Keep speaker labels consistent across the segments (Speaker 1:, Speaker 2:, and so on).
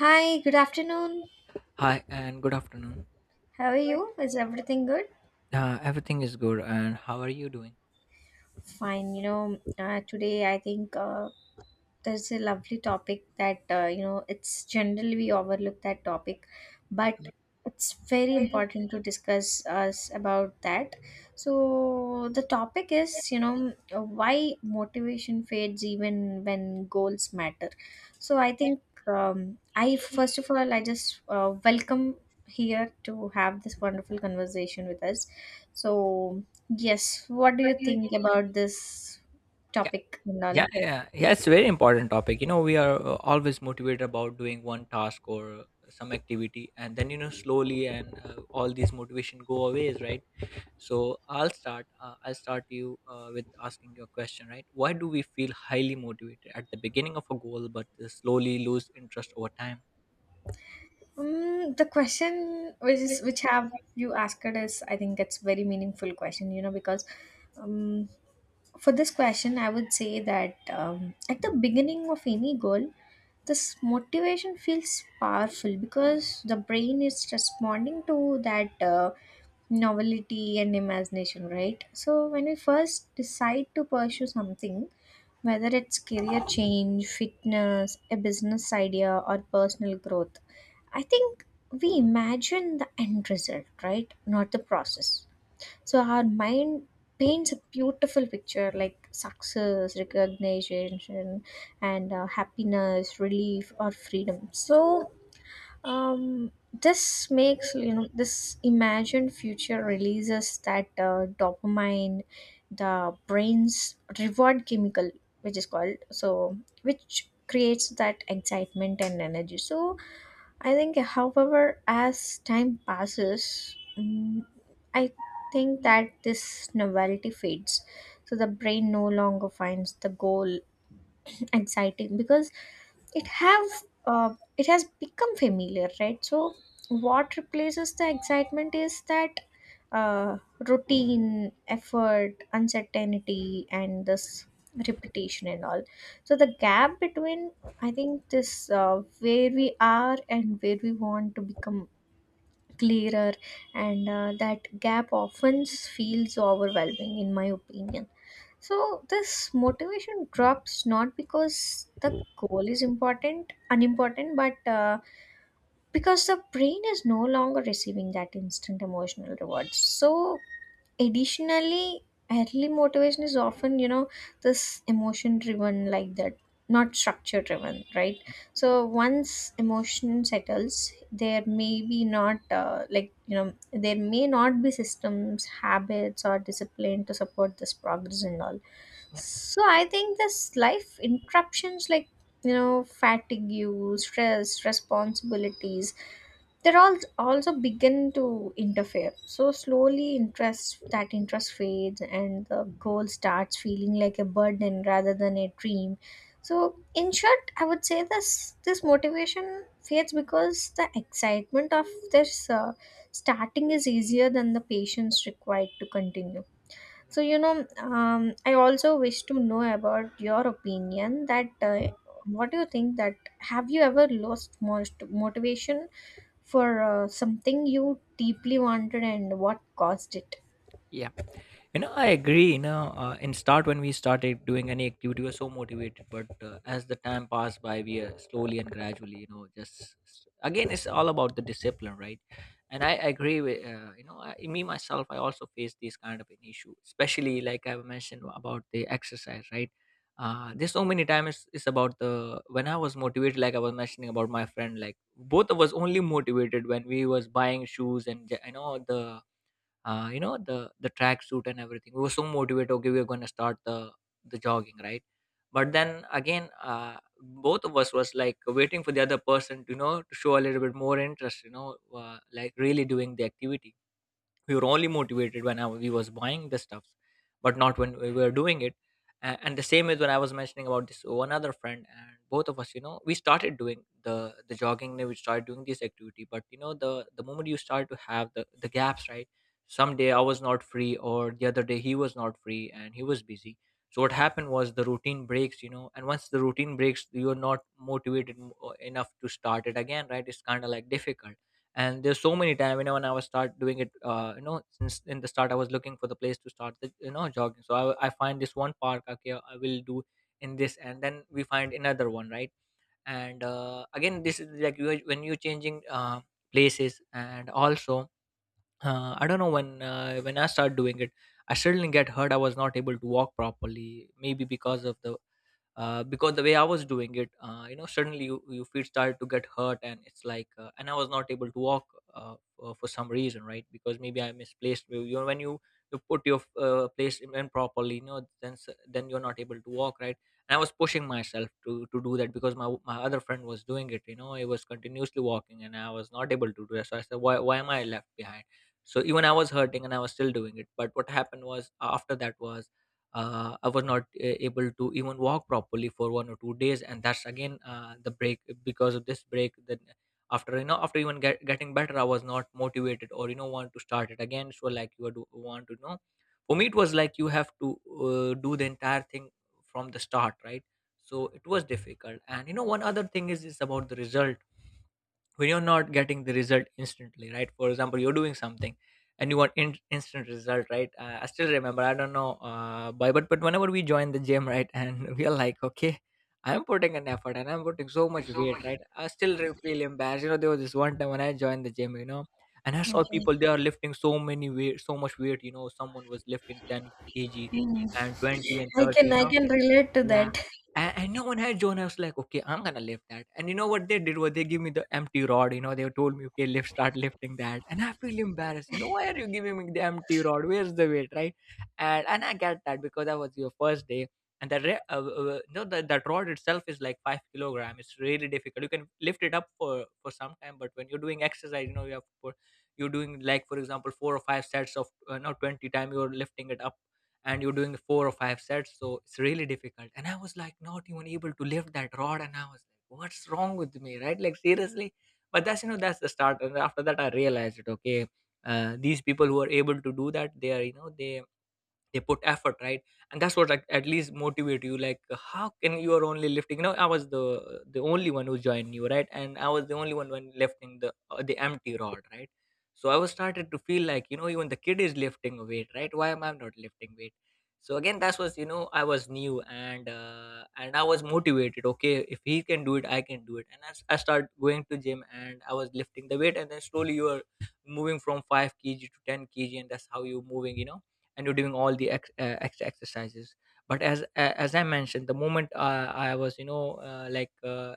Speaker 1: Hi, good afternoon.
Speaker 2: Hi, and good afternoon.
Speaker 1: How are you? Is everything good?
Speaker 2: Everything is good, and how are you doing?
Speaker 1: Fine. Today I think there's a lovely topic that it's generally we overlook that topic, but
Speaker 2: Mm,
Speaker 1: it's very important to discuss us about that. So the topic is why motivation fades even when goals matter. So I think, I, first of all, I just welcome here to have this wonderful conversation with us. So yes, what do you think about this
Speaker 2: yeah,
Speaker 1: topic and all?
Speaker 2: yeah, yeah, yeah. It's a very important topic. You know, we are always motivated about doing one task or some activity, and then slowly, and all these motivation go away, right? So I'll start. I'll start you with asking your question, right? Why do we feel highly motivated at the beginning of a goal, but slowly lose interest over time?
Speaker 1: The question which have you asked is, I think, it's very meaningful question, because um, for this question I would say that at the beginning of any goal this motivation feels powerful because the brain is responding to that novelty and imagination, right? So when we first decide to pursue something, whether it's career change, fitness, a business idea, or personal growth, I think we imagine the end result, right? Not the process. So our mind paints a beautiful picture like success, recognition, and happiness, relief, or freedom. So this makes, this imagined future releases that dopamine, the brain's reward chemical, which is called so, which creates that excitement and energy. So I think, however, as time passes, I think that this novelty fades. So the brain no longer finds the goal exciting because it have it has become familiar, right? So what replaces the excitement is that uh, routine effort, uncertainty, and this repetition and all. So the gap between, I think, this where we are and where we want to become clearer, and that gap often feels overwhelming in my opinion. So this motivation drops not because the goal is important, unimportant, but because the brain is no longer receiving that instant emotional reward. So additionally, early motivation is often, this emotion driven, like that, not structure driven, right? So once emotion settles, there may be not like, there may not be systems, habits, or discipline to support this progress and all.
Speaker 2: Yeah,
Speaker 1: So I think this life interruptions like, fatigue, stress, responsibilities, they're all also begin to interfere, so slowly interest, that interest fades, and the goal starts feeling like a burden rather than a dream. So in short, I would say this motivation fades because the excitement of this starting is easier than the patience required to continue.
Speaker 2: yeah,
Speaker 1: So, I also wish to know about your opinion that what do you think that, have you ever lost most motivation for something you deeply wanted, and what caused it?
Speaker 2: yeah. You know, I agree. In start when we started doing any activity, we were so motivated. But as the time passed by, we slowly and gradually, just again, it's all about the discipline, right? And I agree with me myself, I also face this kind of an issue, especially like I mentioned about the exercise, right? There's so many times it's about the when I was motivated, like I was mentioning about my friend, like both of us only motivated when we was buying shoes and you know the the track suit and everything we were so motivated. Okay, we are going to start the jogging, right? But then again both of us was like waiting for the other person to to show a little bit more interest, like really doing the activity. We were only motivated when we was buying the stuffs, but not when we were doing it. And the same is when I was mentioning about this one other friend, and both of us, you know, we started doing the jogging, and we started doing this activity, but you know the moment you start to have the gaps, right? Someday I was not free, or the other day he was not free and he was busy. So what happened was the routine breaks, you know, and once the routine breaks, you're not motivated enough to start it again, right? It's kind of like difficult. And there's so many time, you know, when I was start doing it, since in the start I was looking for the place to start the, you know, jogging, so I find this one park. Okay, I will do in this, and then we find another one, right? And again, this is like when you're changing places, and also I don't know when I start doing it, I suddenly get hurt. I was not able to walk properly, maybe because of the because the way I was doing it, you know, suddenly your feet started to get hurt, and it's like, and I was not able to walk for some reason, right? Because maybe I misplaced. You know, when you put your place in, you know, then then you're not able to walk, right? And I was pushing myself to do that, because my other friend was doing it. You know, he was continuously walking, and I was not able to do that. So I said, why am I left behind? So even I was hurting, and I was still doing it. But what happened was after that was I was not able to even walk properly for 1 or 2 days, and that's again the break because of this break. Then after, you know, after even getting better, I was not motivated or, you know, want to start it again. So like you do want to know, for me it was like you have to do the entire thing from the start, right? So it was difficult, and you know, one other thing is about the result when you're not getting the result instantly, right? For example, you're doing something and you want instant result, right? I still remember, I don't know why, but whenever we join the gym, right? And we are like, okay, I'm putting an effort and I'm putting so much weight, right? I still feel embarrassed. You know, there was this one time when I joined the gym, you know, and I saw
Speaker 1: Okay.
Speaker 2: people, they are lifting so many weight, so much weight. You know, someone was lifting 10 kg
Speaker 1: Hmm.
Speaker 2: and 20 and
Speaker 1: I
Speaker 2: 30
Speaker 1: can
Speaker 2: you
Speaker 1: I
Speaker 2: know.
Speaker 1: can relate to
Speaker 2: Yeah.
Speaker 1: that.
Speaker 2: And no one had John. I was like, okay, I'm gonna lift that. And you know what they did? Was they give me the empty rod? You know, they told me, okay, start lifting that. And I feel embarrassed. You know, why are you giving me the empty rod? Where's the weight, right? And I get that because that was your first day. And the re- no, that rod itself is like 5 kilogram. It's really difficult. You can lift it up for some time, but when you're doing exercise, you know, you have to put, you're doing like, for example, four or five sets of no 20 time. You're lifting it up and you're doing four or five sets, so it's really difficult. And I was like, not even able to lift that rod, and I was like, what's wrong with me, right? Like, seriously. But that's, you know, that's the start, and after that I realized it. Okay, these people who are able to do that, they are, you know, they put effort, right? And that's what, like, at least motivate you. Like, how can you are only lifting? You know, I was the only one who joined you, right? And I was the only one when lifting the the empty rod, right? So I was started to feel like, you know, even the kid is lifting a weight, right? Why am I not lifting weight? So again, that was, you know, I was new, and I was motivated. Okay, if he can do it, I can do it. And as I started going to gym, and I was lifting the weight, and then slowly you are moving from 5 kg to 10 kg, and that's how you're moving, you know. And you're doing all the extra exercises. But as I mentioned, the moment I was, you know,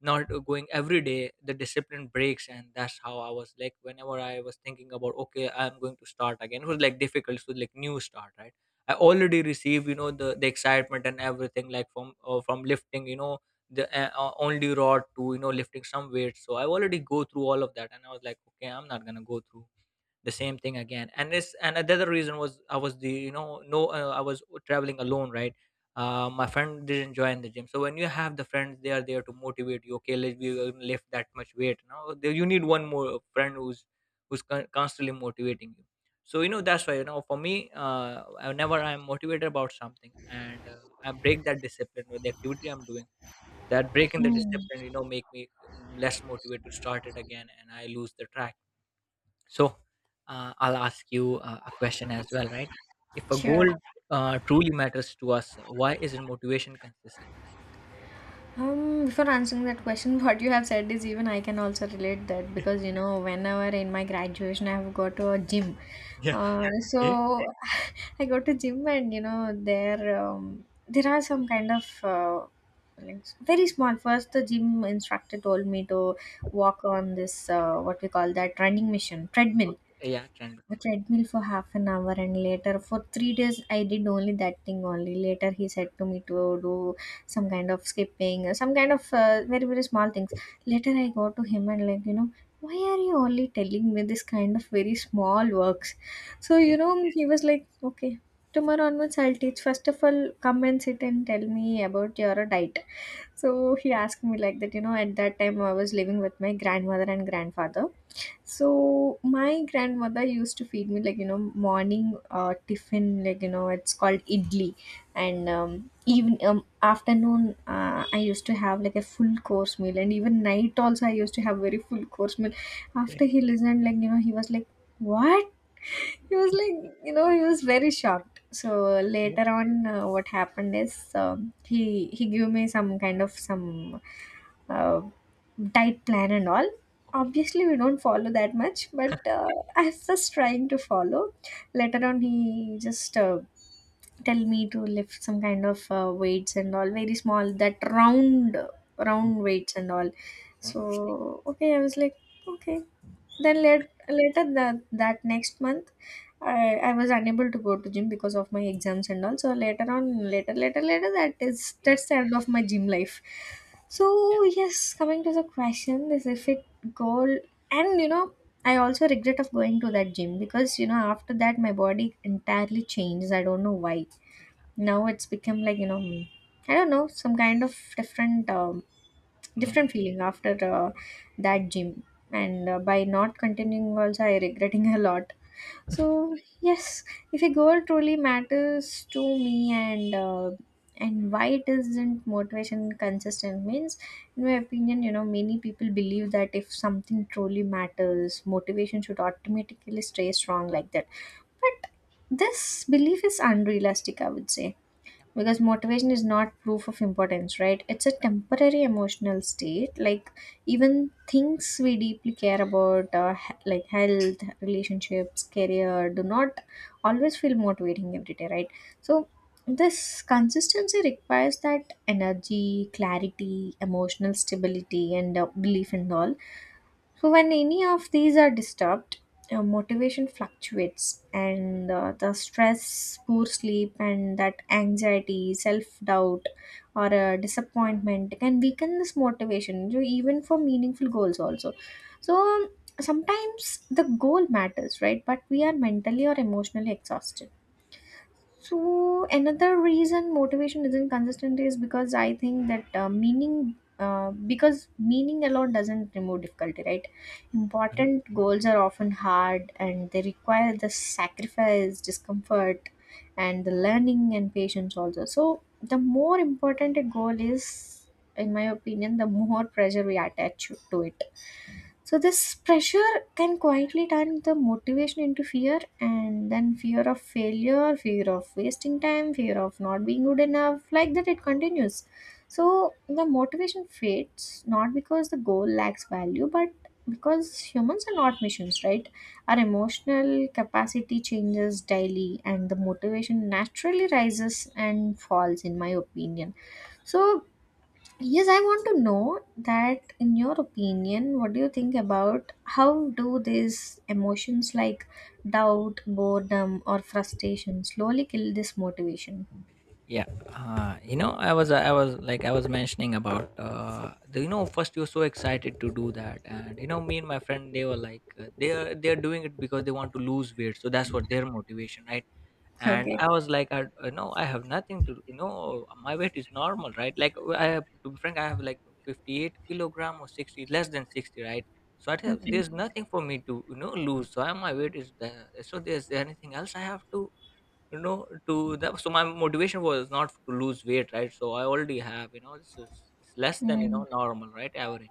Speaker 2: not going every day, the discipline breaks, and that's how I was like, whenever I was thinking about, okay, I'm going to start again, it was like difficult. It was like new start, right? I already received, you know, the excitement and everything, like from lifting, you know, the only rod to, you know, lifting some weights. So I already go through all of that, and I was like, okay, I'm not gonna go through the same thing again. And this, and another reason was, I was the, you know, no I was traveling alone, right? My friend didn't join the gym. So when you have the friends, they are there to motivate you. Okay, let we lift that much weight. Now you need one more friend who's constantly motivating you. So you know, that's why, you know, for me, whenever I'm motivated about something, and I break that discipline with the activity I'm doing, that breaking the
Speaker 1: Hmm.
Speaker 2: discipline, you know, make me less motivated to start it again, and I lose the track. So I'll ask you a question as well, right? If a
Speaker 1: Sure.
Speaker 2: goal truly matters to us, why isn't motivation consistent?
Speaker 1: Before answering that question, what you have said is even I can also relate that
Speaker 2: Yeah.
Speaker 1: because, whenever in my graduation I have got to a gym,
Speaker 2: Yeah. Yeah.
Speaker 1: so I go to gym, and there are some kind of like very small. First, the gym instructor told me to walk on this, what we call that running machine
Speaker 2: Uh,
Speaker 1: treadmill,
Speaker 2: yeah, trend.
Speaker 1: a treadmill for half an hour, and later for 3 days I did only that thing. Only later he said to me to do some kind of skipping, some kind of very very small things. Later I go to him and like, why are you only telling me this kind of very small works? So,
Speaker 2: Yeah.
Speaker 1: he was like, okay, tomorrow onwards I'll teach. First of all, come and sit and tell me about your diet. So
Speaker 2: Yeah.
Speaker 1: he asked me like that, at that time I was living with my grandmother and grandfather. So my grandmother used to feed me like, morning, tiffin, like, it's called idli, and, even, afternoon, I used to have like a full course meal, and even night also I used to have very full course meal.
Speaker 2: Yeah.
Speaker 1: After he listened, like, he was like, "What?" He was like, he was very shocked. So
Speaker 2: Yeah.
Speaker 1: later on, what happened is, um he he gave me some kind of some uh, diet plan and all.
Speaker 2: Okay.
Speaker 1: Obviously, we don't follow that much, but I was just trying to follow. Later on, he just tell me to lift some kind of weights and all, very small, that
Speaker 2: Mm.
Speaker 1: round weights and all.
Speaker 2: Okay.
Speaker 1: So okay, I was like, okay, then later that next month, I was unable to go to gym because of my exams and all. So later on, later, later, later, that is
Speaker 2: Yeah.
Speaker 1: that's the end of my gym life.
Speaker 2: Okay. Yeah.
Speaker 1: So yes, coming to the question, this is fit goal, and you know, I also regret of going to that gym because, after that my body entirely changes. I don't know why.
Speaker 2: Yeah.
Speaker 1: Now it's become like, I don't know, some kind of different.
Speaker 2: Mm, yeah.
Speaker 1: Different feeling after
Speaker 2: Mm,
Speaker 1: that gym, and by not continuing also I regretting a lot. So yes, if a goal truly matters to me, and why it isn't motivation consistent means, in my opinion, many people believe that if something truly matters, motivation should automatically stay strong, like that. But this belief is unrealistic, I would say,
Speaker 2: yeah.
Speaker 1: because motivation is not proof of importance, right? It's a temporary emotional state, like even things we deeply care about, like health, relationships, career, do not always feel motivating every day, right? So this consistency requires that energy, clarity, emotional stability, and belief and all. So, when any of these are disturbed, motivation fluctuates, and the stress, poor sleep, and that anxiety, self doubt, or disappointment can weaken this motivation, even for meaningful goals, also. So, sometimes the goal matters, right? But we are mentally or emotionally exhausted. So another reason motivation isn't consistent is because I think that meaning because meaning alone doesn't remove difficulty, right?
Speaker 2: Mhm.
Speaker 1: Important goals are often hard and they require the sacrifice, discomfort, and the learning and patience also. So the more important a goal is, in my opinion, the more pressure we attach to it. So, this pressure can quietly turn the motivation into fear, and then fear of failure, fear of wasting time, fear of not being good enough. Like that, it continues. So, the motivation fades not because the goal lacks value, but because humans are not machines, right? Our emotional capacity changes daily, and the motivation naturally rises and falls, in my opinion. So, yes, I want to know that in your opinion, what do you think about how do these emotions like doubt, boredom, or frustration slowly kill this motivation?
Speaker 2: Yeah, you know, I was like, I was mentioning about, the, you know, first you're so excited to do that, and you know, me and my friend, they were like, they are doing it because they want to lose weight, so that's what their motivation, right? And
Speaker 1: Okay.
Speaker 2: I was like, no, I have nothing to, my weight is normal, right. Like have to be frank, I have like 58 kilogram, or 60, less than 60, right. So I have—
Speaker 1: Okay.
Speaker 2: there's nothing for me to, lose. So, my weight is the— so there's anything else I have to, to that. So my motivation was not to lose weight, right. So I already have, this is, it's less than,
Speaker 1: Mm.
Speaker 2: normal, right. Average.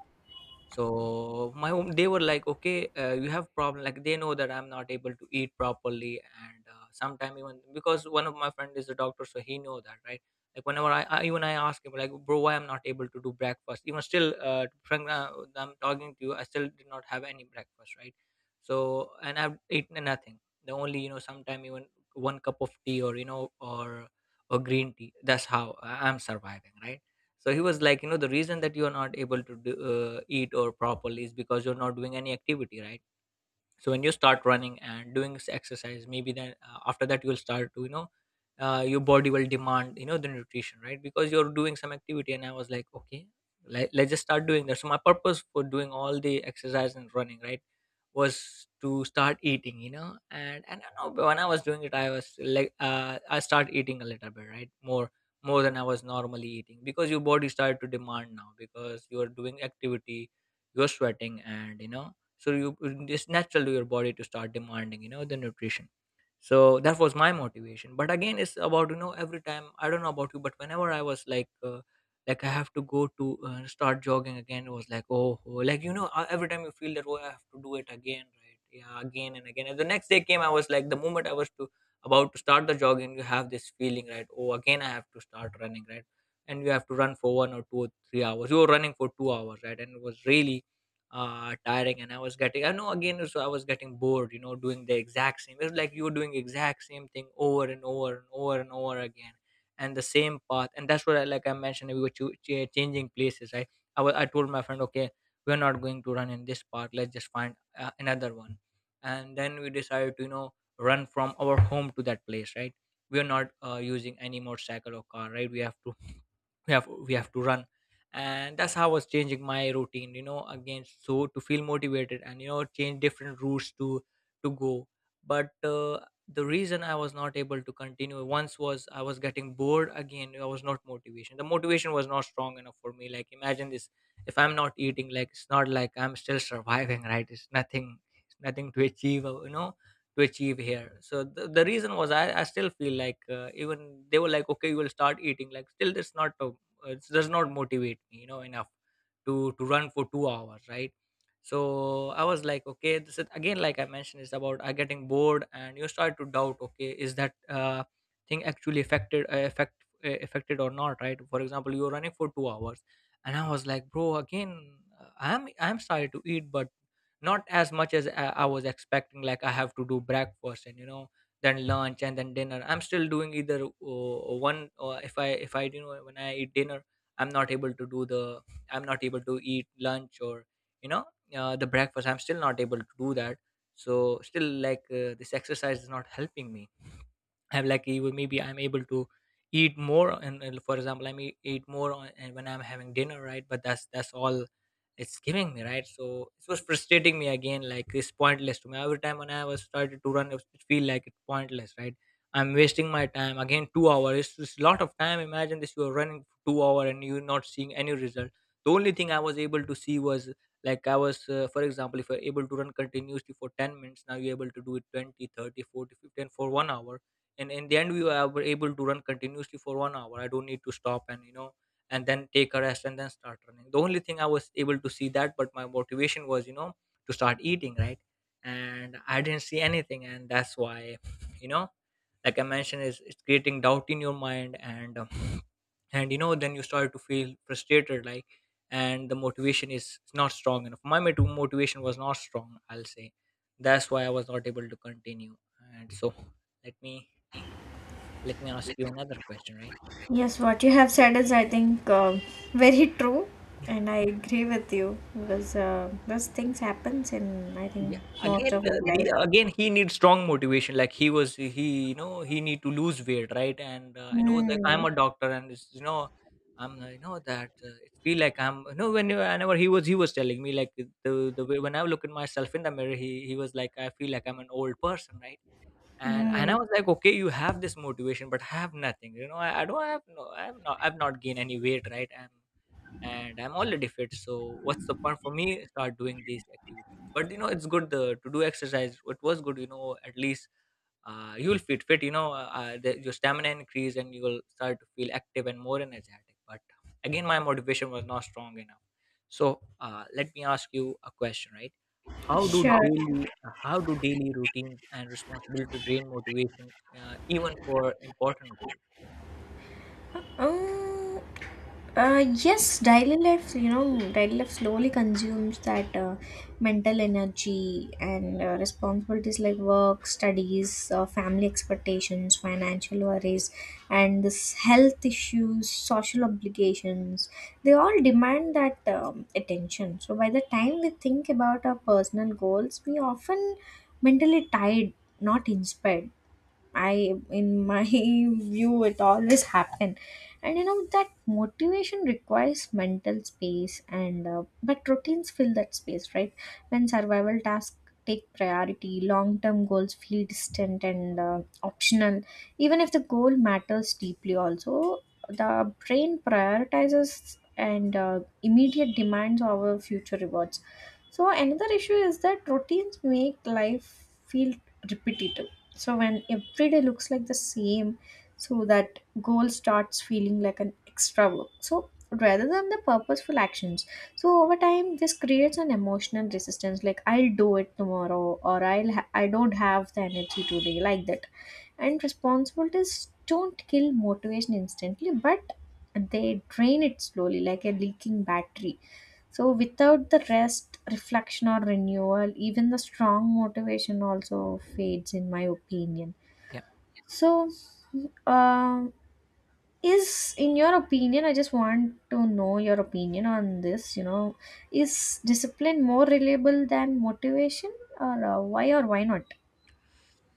Speaker 2: So they were like, okay, you have problem, like they know that I'm not able to eat properly, and sometime even, because one of my friend is a doctor, so he know that, right. Like whenever I even I ask him like, bro, why I'm not able to do breakfast. Even still, frank, I'm talking to you, I still did not have any breakfast, right. So and I've eaten nothing. The only, sometime even one cup of tea, or or green tea. That's how I'm surviving, right. So he was like, the reason that you're not able to do, eat or properly, is because you're not doing any activity, right. So when you start running and doing exercise, maybe then, after that you'll start to, your body will demand, the nutrition, right. Because you're doing some activity. And I was like, okay, let's just start doing that. So my purpose for doing all the exercise and running, right, was to start eating. And I know when I was doing it, I was like, I start eating a little bit, right, more than I was normally eating, because your body started to demand now, because you are doing activity. You're sweating, and, so you— it's natural to your body to start demanding, the nutrition. So that was my motivation. But again it's about, every time— I don't know about you, but whenever I was like, like I have to go to, start jogging again, it was like, oh, like, every time you feel that, oh, I have to do it again, right. Yeah, again and again. And the next day came, I was like, the moment I was to about to start the jogging, you have this feeling, right? Oh, again I have to start running, right. And you have to run for 1 or 2 or 3 hours— you were running for 2 hours, right. And it was really tiring. And I was getting— I know, again— so I was getting bored, doing the exact same. It was like you were doing exact same thing over and over and over and over again. And the same path. And that's what, like I mentioned, we were changing places, right. I told my friend, okay, we're not going to run in this park, let's just find, another one. And then we decided to, run from our home to that place, right. We are not, using any motorcycle or car, right. We have to— we have to run. And that's how I was changing my routine, again, so to feel motivated and, change different routes to, go. But, the reason I was not able to continue once was, I was getting bored again. I was not motivation— the motivation was not strong enough for me. Like, imagine this. If I'm not eating, like, it's not like I'm still surviving, right. It's nothing— it's nothing to achieve, to achieve here. So the reason was, I still feel like, even they were like, okay, you will start eating, like, still that's not, it does not motivate me, enough to, run for 2 hours, right. So I was like, okay, this is again, like I mentioned, it's about I getting bored, and you start to doubt, okay, is that, thing actually affected or not, right. For example, you're running for 2 hours, and I was like, bro, again, I'm starting to eat, but not as much as I was expecting. Like I have to do breakfast, and, then lunch and then dinner. I'm still doing either, one, or if I, when I eat dinner, I'm not able to do the— I'm not able to eat lunch, or, you know the breakfast, I'm still not able to do that. So still like, this exercise is not helping me. I'm lucky with— maybe I'm able to eat more. And for example, I may eat more and when I'm having dinner, right. But that's all it's giving me, right. So it was frustrating me again. Like it's pointless to me. Every time when I was started to run, it feel like it's pointless, right. I'm wasting my time again, 2 hours. It's just a lot of time. Imagine this, you are running for 2 hour, and you're not seeing any result. The only thing I was able to see was, like, I was for example, if you're able to run continuously for 10 minutes, now you're able to do it 20, 30, 40, 50, and for 1 hour. And in the end, we were able to run continuously for 1 hour. I don't need to stop and, and then take a rest, and then start running. The only thing I was able to see that. But my motivation was, to start eating, right. And I didn't see anything. And that's why you know like I mentioned, is, it's creating doubt in your mind. And and, then you start to feel frustrated. Like, and the motivation is not strong enough. Motivation was not strong, I'll say. That's why I was not able to continue. And So, let me let me ask you another question, right?
Speaker 1: Yes, what you have said is, I think, very true,
Speaker 2: Yeah.
Speaker 1: and I agree with you because those things happens in, I think,
Speaker 2: Yeah.
Speaker 1: most
Speaker 2: Again,
Speaker 1: of his life.
Speaker 2: the again, he needs strong motivation. Like he, he need to lose weight, right? And I know, like, I'm
Speaker 1: Mm.
Speaker 2: a doctor, and it's, I'm that, it feel like I'm, when whenever he was telling me, like, the way when I look at myself in the mirror, he was like, I feel like I'm an old person, right? And I
Speaker 1: Mm.
Speaker 2: was like, okay, you have this motivation, but I have nothing. You know, I don't have no, I've not gained any weight, right? I'm. And I'm already fit. So what's the point for me start doing these activities? But, it's good to do exercise. It was good. At least you will feel fit. Your stamina increase, and you will start to feel active and more energetic. But again, my motivation was not strong enough. So, let me ask you a question, right? How do
Speaker 1: Sure.
Speaker 2: daily how do daily routines and responsibility drain motivation, even for important goals?
Speaker 1: Um, yes, daily life, daily life slowly consumes that mental energy and responsibilities like work, studies, family expectations, financial worries, and this health issues, social obligations. They all demand that attention. So by the time we think about our personal goals, we often mentally tired, not inspired. In my view, it always happen. And you know that motivation requires mental space, and but routines fill that space, right? When survival tasks take priority, long-term goals feel distant and optional. Even if the goal matters deeply, also the brain prioritizes and immediate demands over future rewards. So another issue is that routines make life feel repetitive, so when every day looks like the same, so that goal starts feeling like an extra work, so rather than the purposeful actions. So over time, this creates an emotional resistance. Like I'll do it tomorrow, or I don't have the energy today, like that. And responsibilities don't kill motivation instantly, but they drain it slowly, like a leaking battery. So without the rest, reflection, or renewal, even the strong motivation also fades in my opinion.
Speaker 2: Yeah.
Speaker 1: So um is in your opinion, I just want to know your opinion on this, is discipline more reliable than motivation, or why or why not?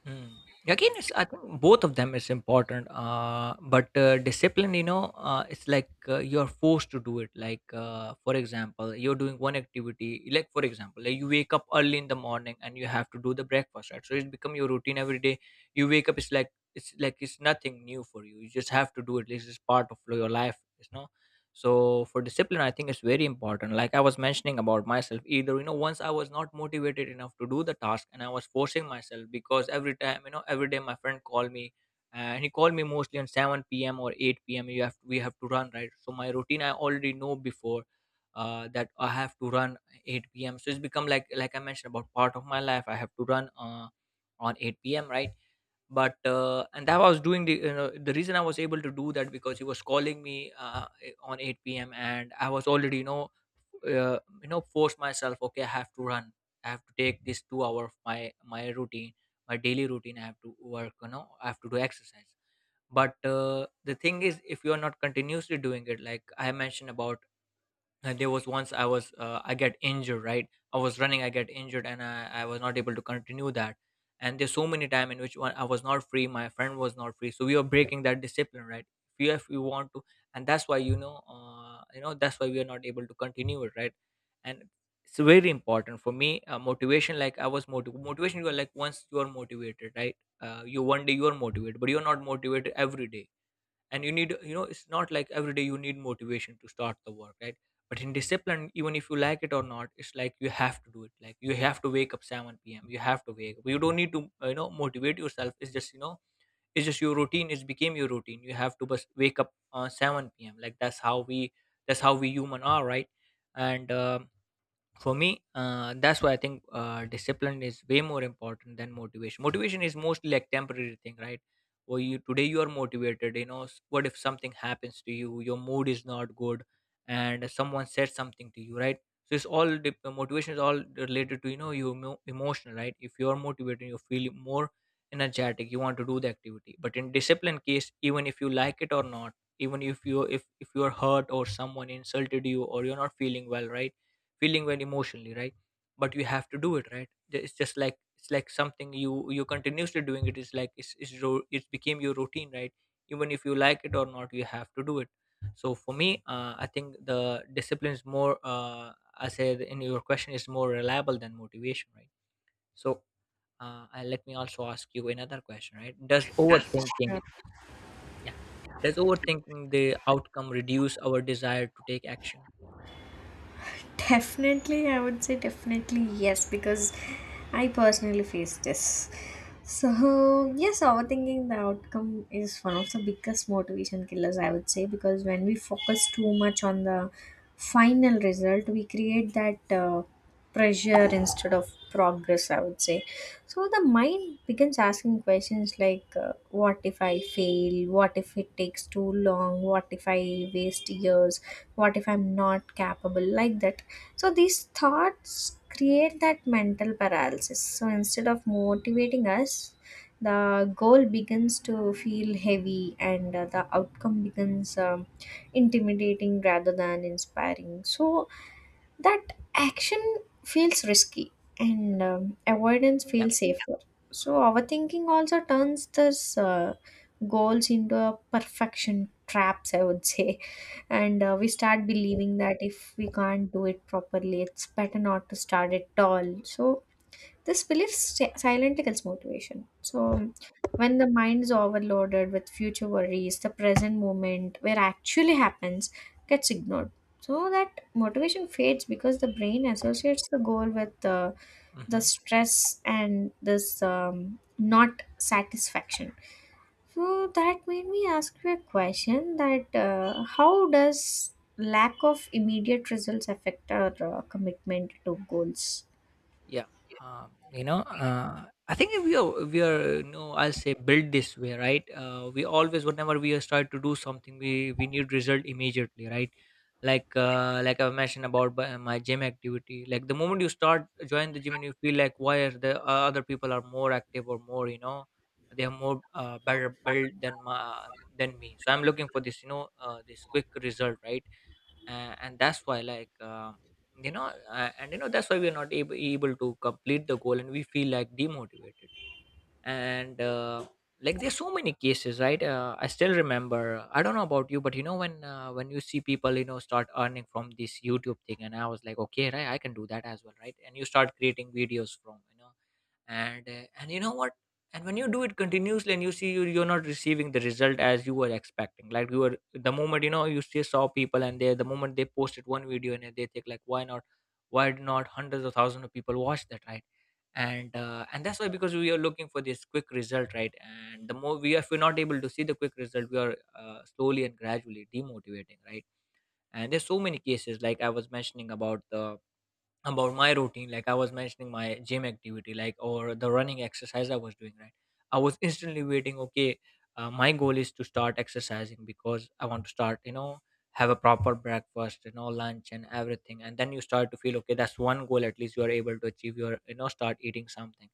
Speaker 2: Mm. Again, it's— I think both of them is important. But discipline, it's like you're forced to do it. Like for example, you're doing one activity. Like for example, like you wake up early in the morning, and you have to do the breakfast, right? So it's become your routine every day. You wake up, it's like— it's nothing new for you. You just have to do it. This is part of your life. So for discipline I think it's very important. Like I was mentioning about myself, either, once I was not motivated enough to do the task, and I was forcing myself. Because every time, every day my friend called me, and he called me mostly on 7 p.m. or 8 p.m., you have we have to run, right. So my routine I already know before, that I have to run 8 p.m. So it's become like, I mentioned about, part of my life I have to run, on 8 p.m., right. But and that was doing the, the reason I was able to do that, because he was calling me, on 8 p.m., and I was already, force myself, okay, I have to run. I have to take this 2 hour of my routine, my daily routine. I have to work, I have to do exercise. But, the thing is, if you are not continuously doing it, like I mentioned about, there was once I was, I get injured, right? I was running, I get injured, and I was not able to continue that. And there's so many time in which one I was not free, my friend was not free, so we were breaking that discipline, right? If you want to— and that's why, that's why we are not able to continue it, right? And it's very important for me. Motivation, like motivation— you are, like, once you are motivated, right? You one day you are motivated, but you are not motivated every day, and you need, you know, it's not like every day you need motivation to start the work, right? But in discipline, even if you like it or not, it's like you have to do it, like you have to wake up 7 p.m., you have to wake up, you don't need to you know, motivate yourself. It's just, you know, it's just your routine, it's became your routine, you have to just wake up 7 p.m., like that's how we human are, right? And for me, that's why I think discipline is way more important than motivation. Motivation is mostly like temporary thing, right? Well, you, today you are motivated, you know, what if something happens to you, your mood is not good and someone said something to you, right? So it's all, the motivation is all related to, you know, you emotional, right? If you're motivated you feel more energetic, you want to do the activity. But in discipline case, even if you like it or not, even if you're hurt or someone insulted you or you're not feeling well, right? Feeling and emotionally, right? But you have to do it, right? It's just like, it's like something you continuously doing it, is like it's it's became your routine, right? Even if you like it or not, you have to do it. So for me, I think the discipline is more, I said in your question, is more reliable than motivation, right? So let me also ask you another question, right? Does overthinking, yeah, does overthinking the outcome reduce our desire to take action?
Speaker 1: Definitely, I would say definitely yes, because I personally face this. So, yes, overthinking the outcome is one of the biggest motivation killers, I would say, because when we focus too much on the final result, we create that pressure instead of progress, I would say. So, the mind begins asking questions like, What if I fail? What if it takes too long? What if I waste years? What if I'm not capable, like that? So these thoughts create that mental paralysis. So instead of motivating us, the goal begins to feel heavy and the outcome becomes intimidating rather than inspiring. So that action feels risky and avoidance
Speaker 2: Yeah.
Speaker 1: feels safer. So overthinking also turns this goals into a perfection traps, I would say, and we start believing that if we can't do it properly it's better not to start at all. So this belief silently kills motivation. So when the mind is overloaded with future worries, the present moment where actually happens gets ignored. So that motivation fades because the brain associates the goal with the
Speaker 2: Hmm.
Speaker 1: stress and this not satisfaction. So that made me ask you a question that how does lack of immediate results affect our commitment to goals?
Speaker 2: Yeah. You know, I think if we are you know, I'll say build this way, right? We always whenever we are start to do something, we need result immediately, right? Like, like I mentioned about my gym activity, like the moment you start join the gym and you feel like, why are the other people are more active or more, you know, they are more better built than my, than me, so I'm looking for this, you know, this quick result, right? And that's why, like, you know, and you know, that's why we're not able to complete the goal and we feel like demotivated. And like, there's so many cases, right? I still remember, I don't know about you, but you know when, when you see people, you know, start earning from this YouTube thing, and I was like, okay, right, I can do that as well, right? And you start creating videos from, you know, and and you know what, and when you do it continuously and you see, you're not receiving the result as you were expecting, like you were, the moment, you know, you still saw people and they, the moment they posted one video and they think like, why not, why did not hundreds of thousands of people watch that, right? And and that's why, because we are looking for this quick result, right? And the more we are, if we're not able to see the quick result, we are slowly and gradually demotivating, right? And there's so many cases, like I was mentioning about the, about my routine, like I was mentioning my gym activity, like, or the running exercise I was doing, right? I was instantly waiting, okay, my goal is to start exercising because I want to start, you know, have a proper breakfast, you know, lunch and everything, and then you start to feel, okay, that's one goal, at least you are able to achieve your, you know, start eating something.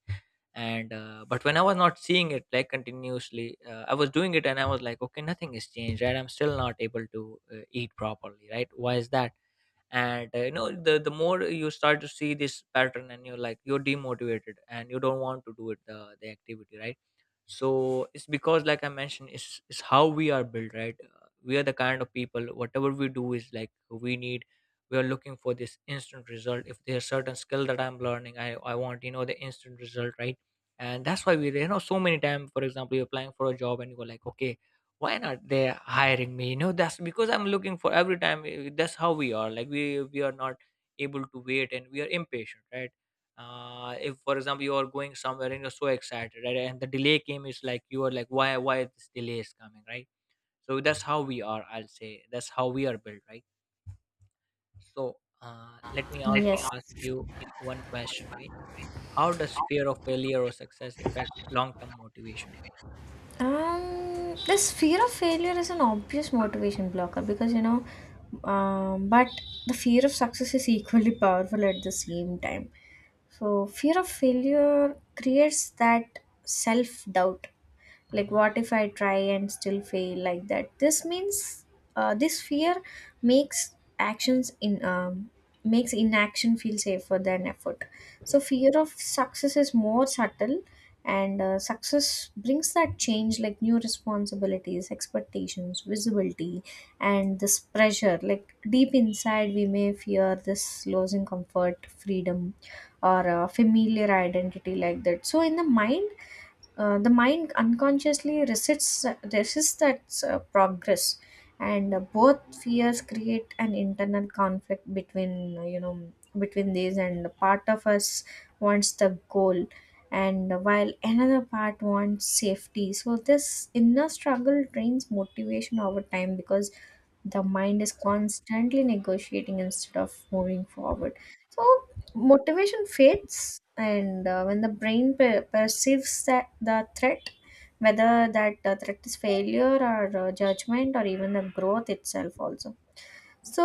Speaker 2: And but when I was not seeing it, like continuously, I was doing it and I was like, okay, nothing has changed, right? I'm still not able to eat properly, right? Why is that? And you know, the more you start to see this pattern, and you're like, you're demotivated and you don't want to do it, the activity, right? So it's because, like I mentioned, it's how we are built, right? We are the kind of people, whatever we do is like we need, we are looking for this instant result. If there's certain skill that I'm learning, I want, you know, the instant result, right? And that's why we, you know, so many times, for example, you're applying for a job and you go like, okay, why not they hiring me, you know, that's because I'm looking for every time, that's how we are, like we are not able to wait and we are impatient, right? If, for example, you are going somewhere and you're so excited, right? And the delay came, is like, you are like, why this delay is coming, right? So that's how we are, I'll say that's how we are built, right? So let me also
Speaker 1: Yes.
Speaker 2: ask you one question, right? How does fear of failure or success affect long-term motivation?
Speaker 1: This fear of failure is an obvious motivation blocker because, but the fear of success is equally powerful at the same time. So, fear of failure creates that self doubt, like
Speaker 2: Hmm.
Speaker 1: what if I try and still fail, like that. This means this fear makes actions in makes inaction feel safer than effort. So
Speaker 2: Yeah.
Speaker 1: fear of success is more subtle, and success brings that change, like new responsibilities, expectations, visibility, and this pressure. Like deep inside we may fear this losing comfort, freedom, or a familiar identity, like that. So in the mind, the mind unconsciously resists, that progress. And both fears create an internal conflict between, between these, and part of us wants the goal, and while another part wants safety. So this inner struggle drains motivation over time because the mind is constantly negotiating instead of moving forward. So
Speaker 2: Yeah.
Speaker 1: motivation fades, and when the brain perceives that the threat,
Speaker 2: Yeah.
Speaker 1: whether that threat is failure or judgment or even the growth itself, also. So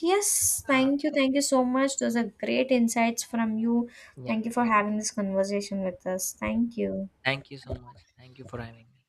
Speaker 1: yes,
Speaker 2: uh,
Speaker 1: thank you, thank you so much, those are great insights from you.
Speaker 2: yeah,
Speaker 1: Thank you for having this conversation with us. Thank you.
Speaker 2: thank you so much, thank you for having me.